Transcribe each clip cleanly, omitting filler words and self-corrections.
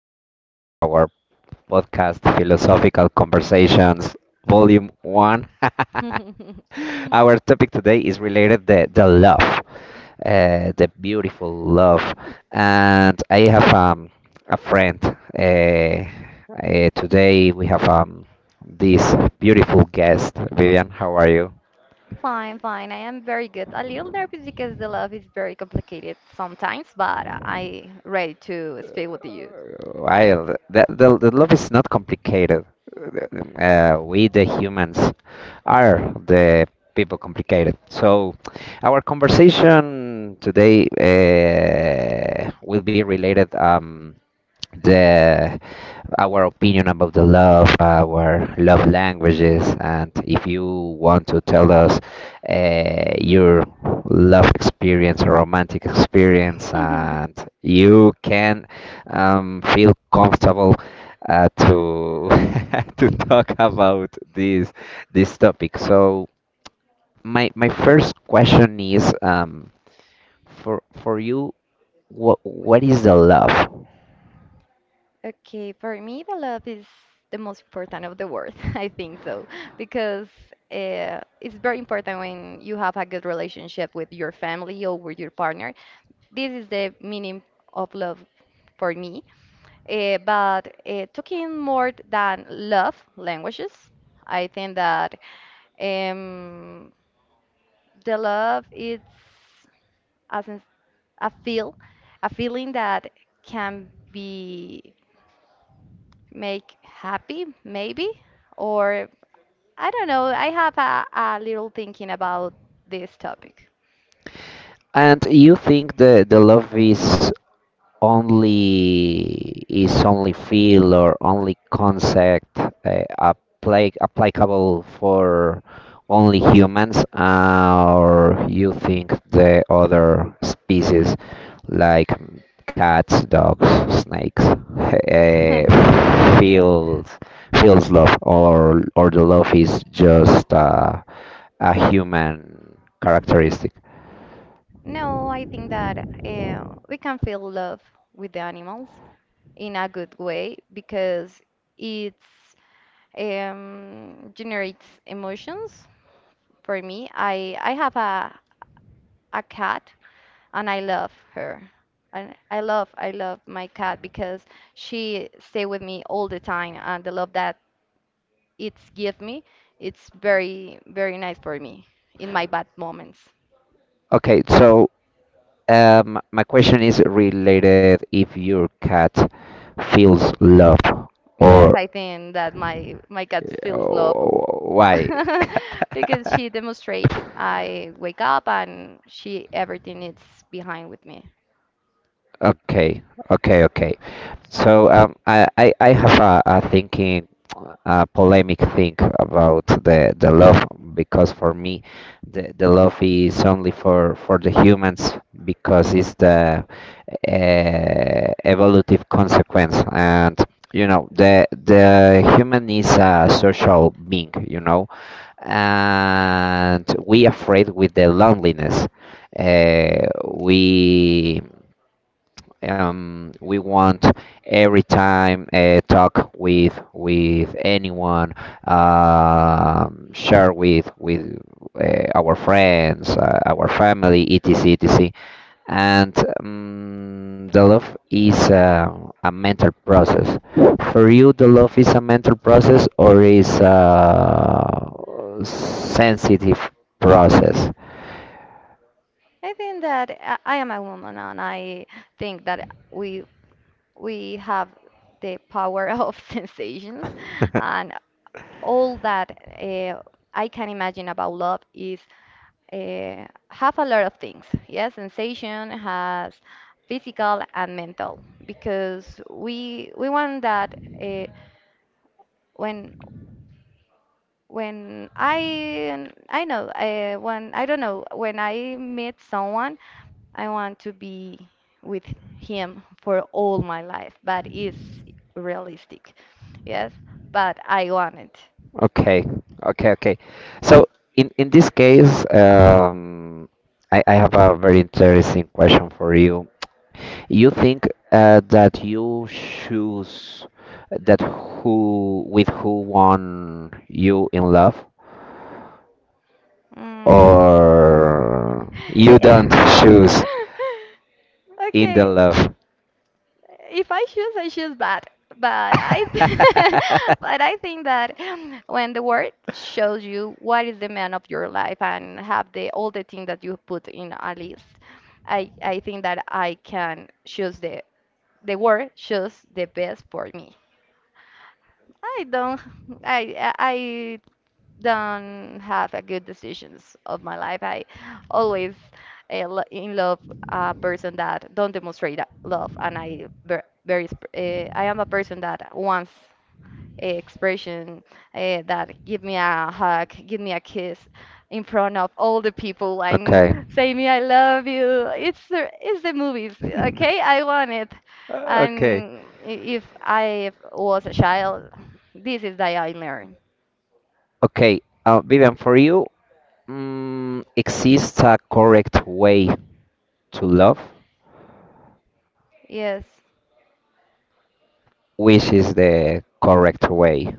Welcome to our podcast, Philosophical Conversations, Volume 1. Our topic today is related the love, the beautiful love. And I have a friend. Uh, Today we have this beautiful guest. Vivian, how are you? Fine, fine. I am very good. A little nervous because the love is very complicated sometimes, but I ready to speak with you. Wild. The love is not complicated. We, the humans, are the people complicated. So, our conversation today will be related. The our opinion about the love, our love languages, and if you want to tell us your love experience or romantic experience, and you can feel comfortable to to talk about this topic. So my first question is for you, what is the love? Okay, for me, the love is the most important of the world. I think so because it's very important when you have a good relationship with your family or with your partner. This is the meaning of love for me. But talking more than love languages, I think that um, the love is as in- a feel, a feeling that can be make happy, maybe, or I don't know. I have a little thinking about this topic. And you think the love is only feel or only concept, applicable for only humans, or you think the other species like cats, dogs, snakes uh, feels feels love, or the love is just a human characteristic? No, I think that we can feel love with the animals in a good way because it's generates emotions for me. I have a cat and I love her. And I love my cat because she stay with me all the time and the love that it's give me, it's very very nice for me in my bad moments. Okay, so my question is related if your cat feels love Yes, or. I think that my cat feels love Oh, why? because she demonstrates I wake up and she everything is behind with me. Okay, okay, okay. So I have a thinking, a polemic thing about the love because for me, the love is only for the humans because it's the evolutive consequence, and you know the human is a social being, you know, and we afraid with the loneliness. Uh, we we want every time talk with anyone, um, share with our friends, our family, etc., etc. And the love is a mental process. For you, the love is a mental process or is a sensitive process? I think that I am a woman and I think that we have the power of sensations and all that I can imagine about love is have a lot of things. Yes, sensation has physical and mental because we want that uh, when when I don't know when I meet someone I want to be with him for all my life, but it's realistic. Yes, but I want it. Okay, okay, okay. So in this case, I have a very interesting question for you. You think that you choose that who with who won you in love, Mm. or you don't choose in the Okay, love? if I choose, I choose bad. But I, th- but I think that when the world shows you what is the man of your life and have the all the thing that you put in a list, I think that I can choose the world choose the best for me. I don't I I don't have a good decisions of my life. I always in love a person that don't demonstrate that love, and I ver- very sp- I am a person that wants expression that give me a hug, give me a kiss in front of all the people and Okay. say me I love you. It's the movies, okay? I want it. Okay. And if I was a child, this is that I learned. Okay. Vivian, for you, exists a correct way to love, Yes. which is the correct way?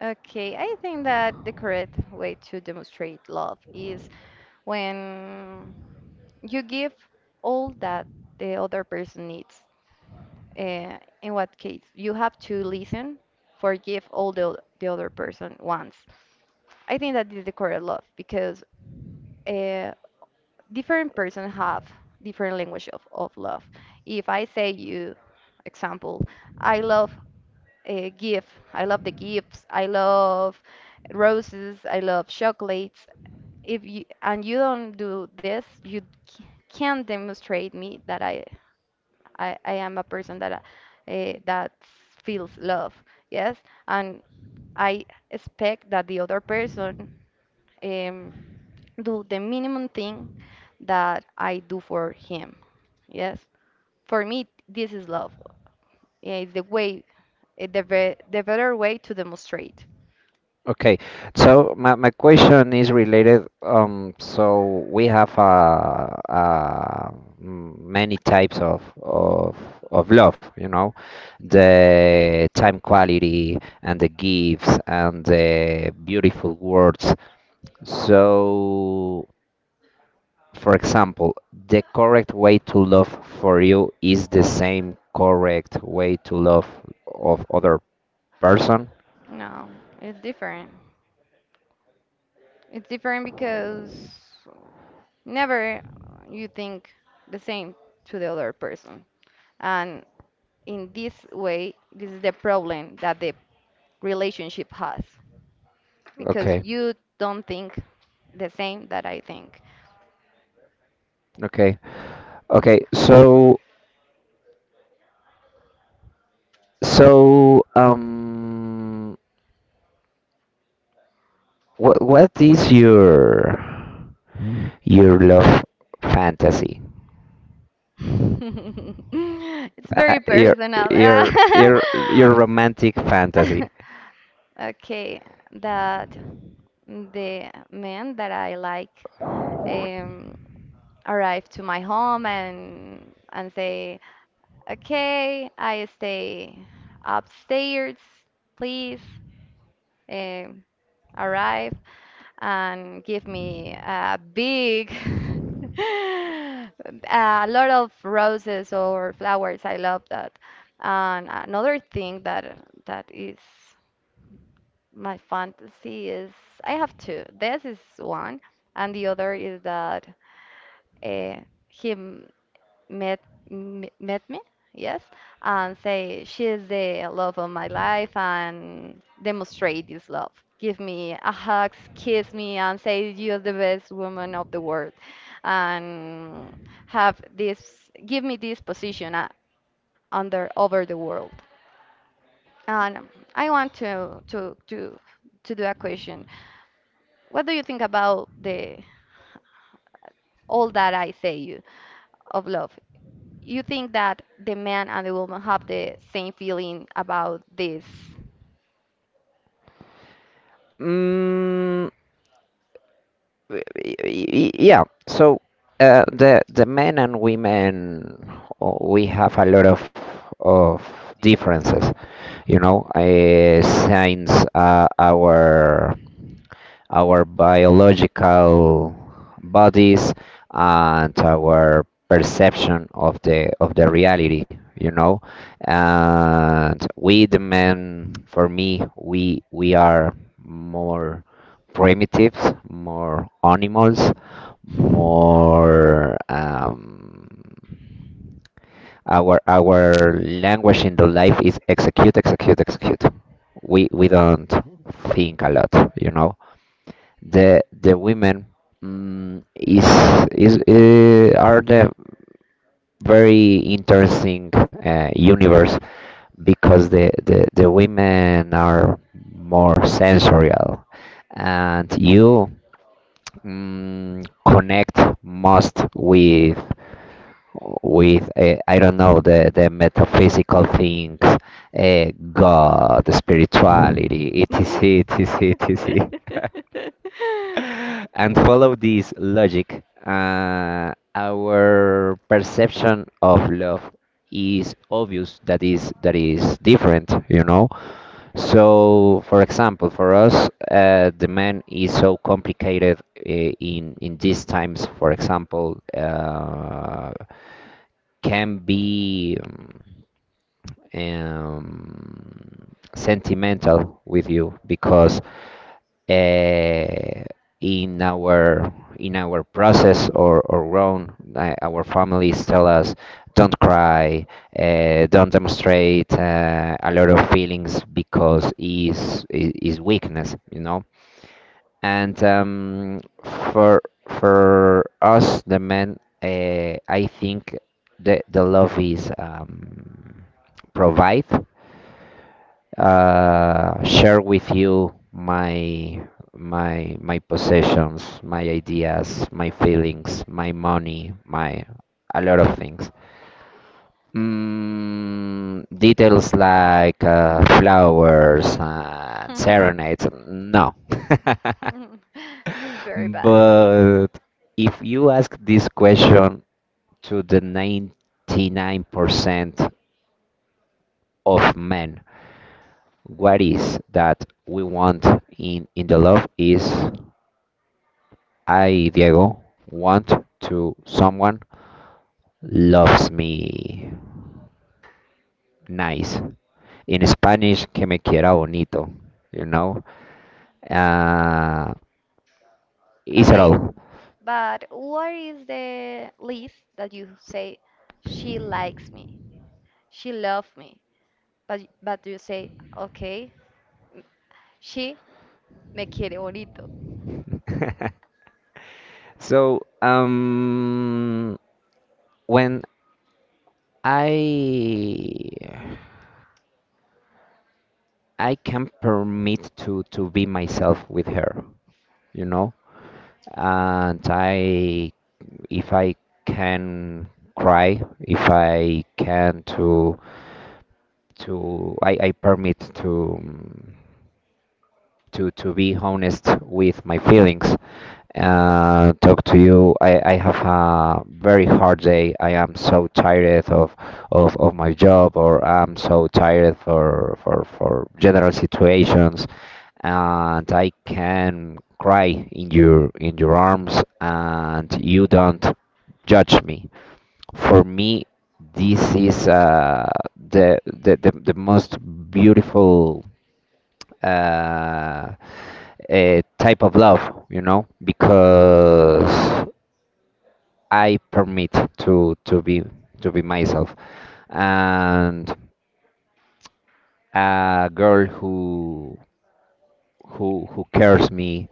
Okay, I think that the correct way to demonstrate love is when you give all that the other person needs. In what case, you have to listen, forgive the other person once. I think that is the correct love because uh, different person have different language of love. If I say you, example, I love a gift, I love the gifts, I love roses, I love chocolates. If you and you don't do this, c- can't demonstrate me that I am a person that that feels love, yes, and I expect that the other person um, do the minimum thing that I do for him, yes. For me, this is love. Yeah, it's the way, the better way to demonstrate. Okay, so my question is related. So we have uh, many types of of love, you know, the time quality and the gifts and the beautiful words. So, for example, the correct way to love for you is the same correct way to love of other person. No, it's different. It's different because never you think the same to the other person. And in this way, this is the problem that the relationship has because Okay, you don't think the same that I think. okay. Okay, so. So, what is your love fantasy? It's Uh, very your personal. your your romantic fantasy? Okay, that the man that I like um, arrived to my home and say, "Okay, I stay upstairs, please um, arrive and give me a big a lot of roses or flowers. I love that. And another thing that is my fantasy is I have two. This is one, and the other is that uh, him met met me, yes, and say she is the love of my life and demonstrate this love. Give me a hug, kiss me, and say you're the best woman of the world, and have this give me this position under over the world. And I want to do a question. What do you think about the all that I say you of love? You think that the man and the woman have the same feeling about this? Mm, yeah. So, the men and women, oh, we have a lot of differences. You know, since our biological bodies and our perception of the reality, you know, and we the men for me we are more primitives, more animals, more our language in the life is execute execute execute. We don't think a lot, you know. The women mm, is are the very interesting universe because the the women are more sensorial, and you connect most with I don't know the metaphysical things, God, spirituality, etc., etc., etc. And follow this logic, our perception of love is obvious that is different, you know. So, for example, for us, the man is so complicated in these times. For example, can be sentimental with you because uh, in our in our process or grown, our families tell us don't cry, don't demonstrate a lot of feelings because is weakness, you know. And for for us the men, I think the love is provide, share with you my possessions, my ideas, my feelings, my money, my a lot of things. Details like flowers and serenades, no. This is very bad. But if you ask this question to the 99% of men, what is that we want in the love is I, Diego, want to someone loves me nice. In Spanish, que me quiera bonito, you know? Uh, is it Okay, all? but what is the list that you say she likes me, she loves me, but you say okay, she me quiere bonito. So, when I I can permit to be myself with her, you know, and I if I can cry, if I can to I permit to to be honest with my feelings. Talk to you. I have a very hard day. I am so tired of my job, or I'm so tired for general situations, and I can cry in your arms, and you don't judge me. For me this is the, the most beautiful uh, type of love, you know, because I permit to to be to be myself. And a girl who who cares me,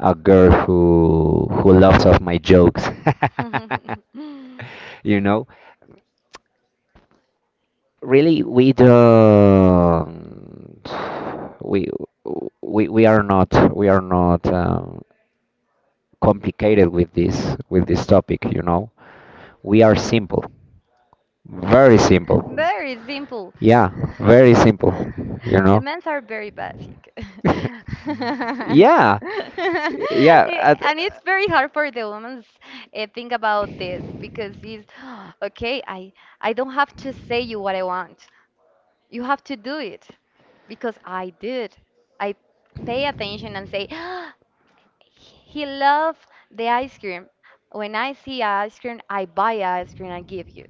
a girl who loves of my jokes. You know, really we don't we we are not we are not complicated with this topic, you know. We are simple, very simple. Very simple. Yeah, very simple, you The know. men's are very basic. Yeah, yeah, Yeah, at. and it's very hard for the women's think about this because it's okay, I don't have to say you what I want. You have to do it because I did. I pay attention and say he loved the ice cream. When I see ice cream, I buy ice cream and give you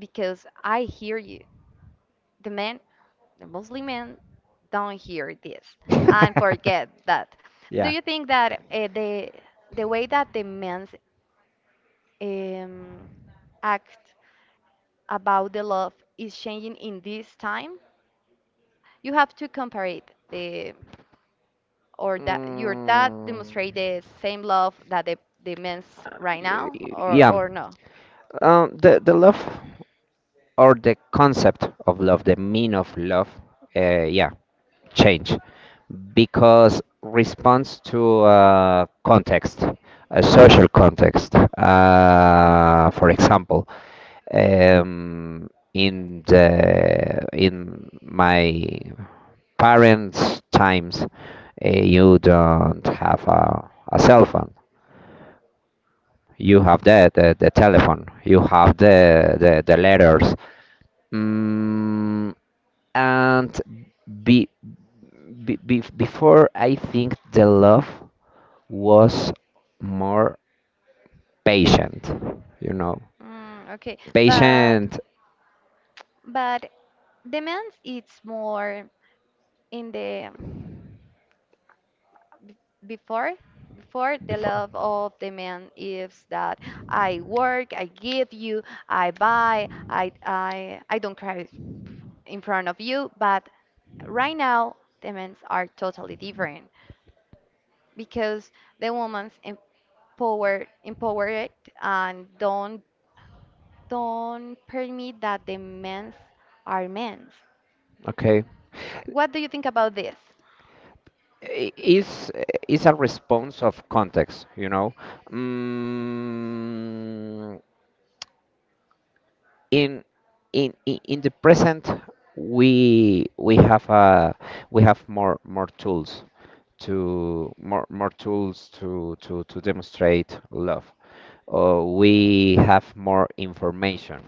because I hear you. The man the Muslim men don't hear this and forget that. Do Do you think that the way that the men um, act about the love is changing in this time? You have to compare it the or we. that your dad Mm, demonstrate the same love that the men's right y- or now yeah. Or not? or no? The love or the concept of love, the mean of love. Yeah. Change because responds to context, a social context. For example, um, in the in my parents' times, you don't have a cell phone. You have the telephone. You have the the letters. Mm, And be, before, I think the love was more patient, you know, Mm, okay, but patient but the men's it's more in the Before, before the before. love of the man is that I work, I give you, I buy, I don't cry in front of you. But right now, the men are totally different because the woman's empowered, and don't permit that the men's are men's. Okay. What do you think about this? i- is is a response of context, you know. mm, in in the present we have a we have more more tools to more more tools to demonstrate love, or we have more information.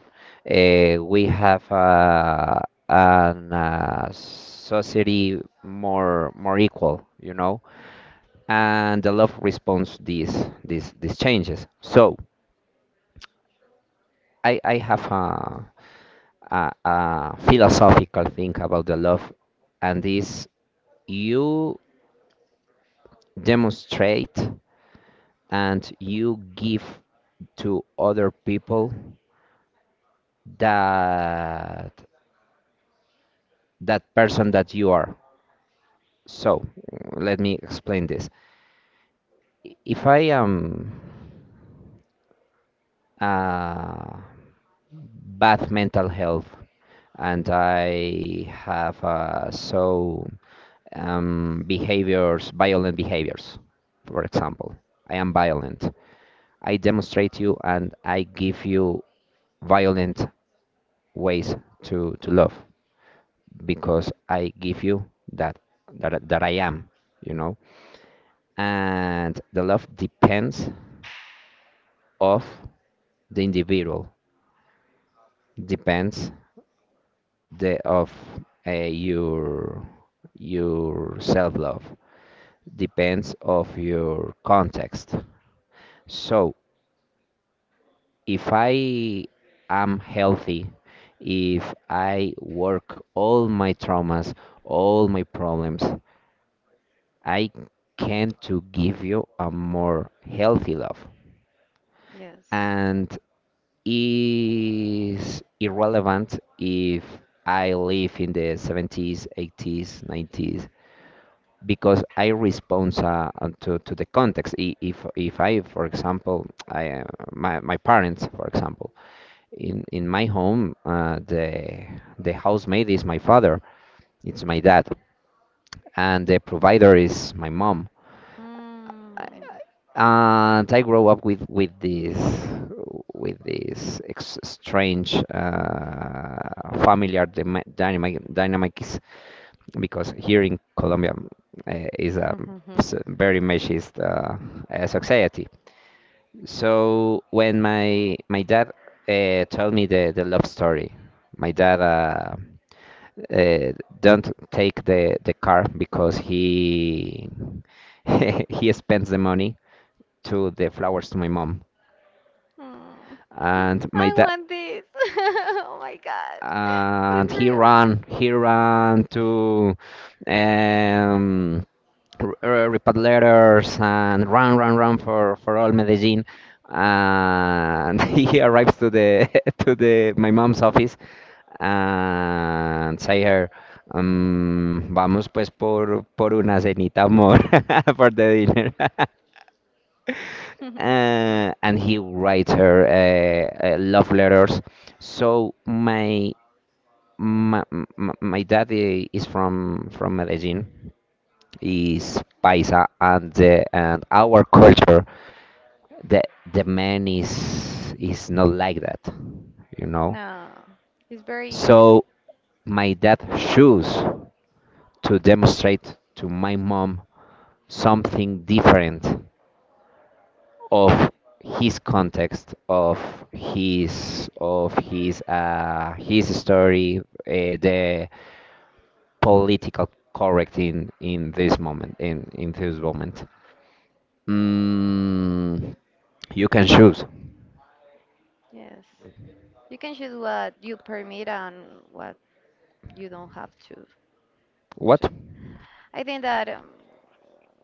We have a, an society more more equal, you know, and the love responds these changes. So I have a philosophical thing about the love, and is you demonstrate and you give to other people that that person that you are. So let me explain this. If I am uh, bad mental health and I have so behaviors, violent behaviors. For example, I am violent. I demonstrate you, and I give you violent ways to love because I give you that, that that I am, you know. And the love depends of the individual, depends the of uh, your your self love, depends of your context. So if I am healthy, if I work all my traumas, all my problems, I can to give you a more healthy love. Yes. And is irrelevant if I live in the 70s, 80s, 90s because I respond to the context. If I, for example, I my my parents, for example, in my home the housemaid is my father, it's my dad, and the provider is my mom. Mm. And I grow up with this strange familiar dynamic dynamics because here in Colombia is a very machist society. So when my dad told me the love story, my dad uh, don't take the car because he he spends the money to the flowers to my mom. Mm. And my I dad want this. Oh my god. and It's he real. ran, he ran to um report letters and run run run for all Medellin, and he arrives to the to the my mom's office and say her, vamos pues por, por una cenita amor for the dinner. And he writes her love letters. So my my dad is from Medellin, is paisa, and the, and our culture, the the man is not like that, you know. No, it's very. So my dad choose to demonstrate to my mom something different of his context, of his story. The political correct in this moment in this moment, mm, you can choose Yes. You can choose what you permit and what you don't have to do. what. I think that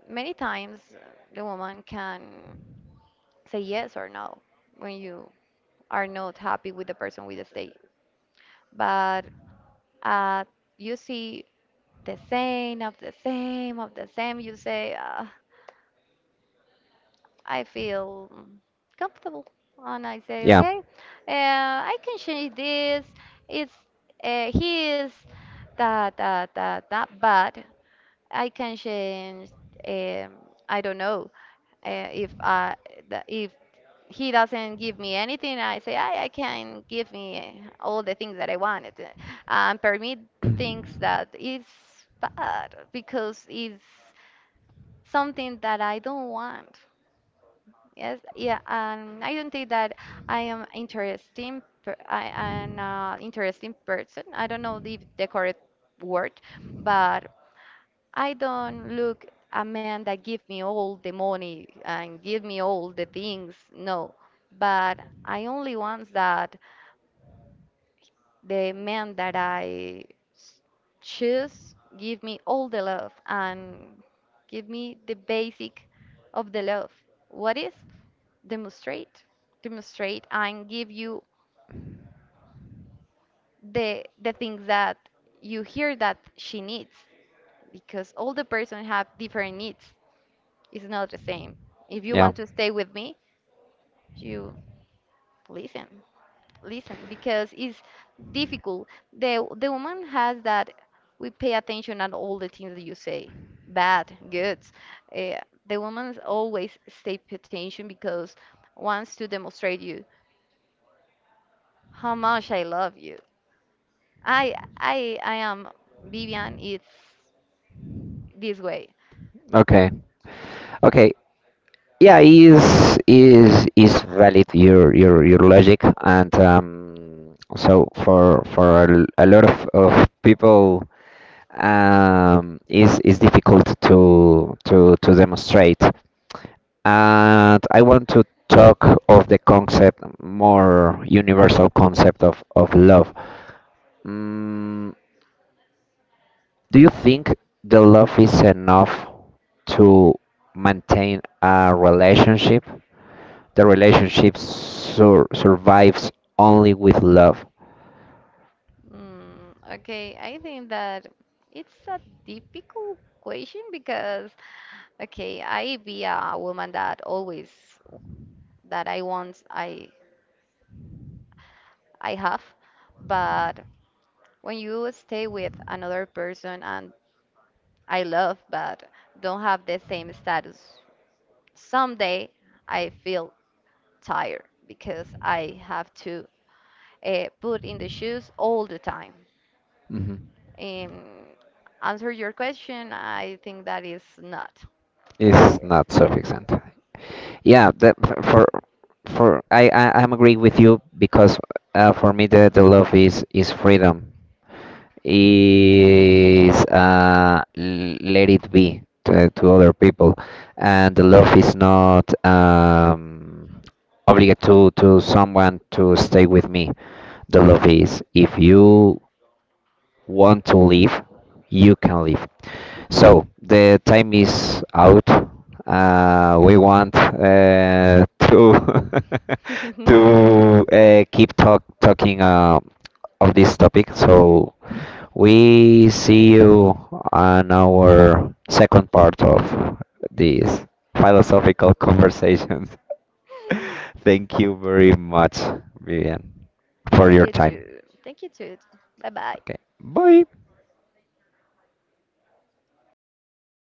many times the woman can say yes or no when you are not happy with the person with the stay. But uh, you see the same, of the same, of the same. You say, I feel comfortable. And I say, Yeah, okay, I can change this. It's his, that, that, that, that, but I can change, um, I don't know. If I, the- If he doesn't give me anything, I say, I can give me all the things that I wanted. And permit things that is bad because it's something that I don't want. Yes, yeah, and I don't think that I am interesting. Per I am an interesting person. I don't know the correct word, but I don't look a man that give me all the money and give me all the things. No, but I only want that the man that s- choose give me all the love and give me the basic of the love. What is? demonstrate Demonstrate and give you the things that you hear that she needs because all the person have different needs. It's not the same. If you yeah. want to stay with me you listen listen because it's difficult. The woman has that we pay attention on all the things that you say bad good. uh, the woman always stay pay attention because wants to demonstrate you how much I love you. I am Vivian. It's this way. Okay, okay. Yeah, is is valid your logic. And so for a, a lot of people, is difficult to demonstrate. And I want to talk of the concept, more universal concept of love. mm, do you think the love is enough to maintain a relationship, the relationship survives only with love? Mm, okay, I think that it's a difficult question because okay, I be a woman that always that I want I have, but when you stay with another person and I love but don't have the same status, someday I feel tired because I have to put in the shoes all the time. Hmm. Um, Answer your question, I think that is not. It's not sufficient. Yeah, that for I I'm agree with you because for me the love is freedom. Is let it be to other people, and the love is not obligated to someone to stay with me. The love is if you want to leave, you can leave. So the time is out. We want to to keep talk talking of this topic. So we see you on our second part of these philosophical conversations. Thank you very much, Vivian, for Thank your you time. too. Thank you too. Bye bye. Okay, bye.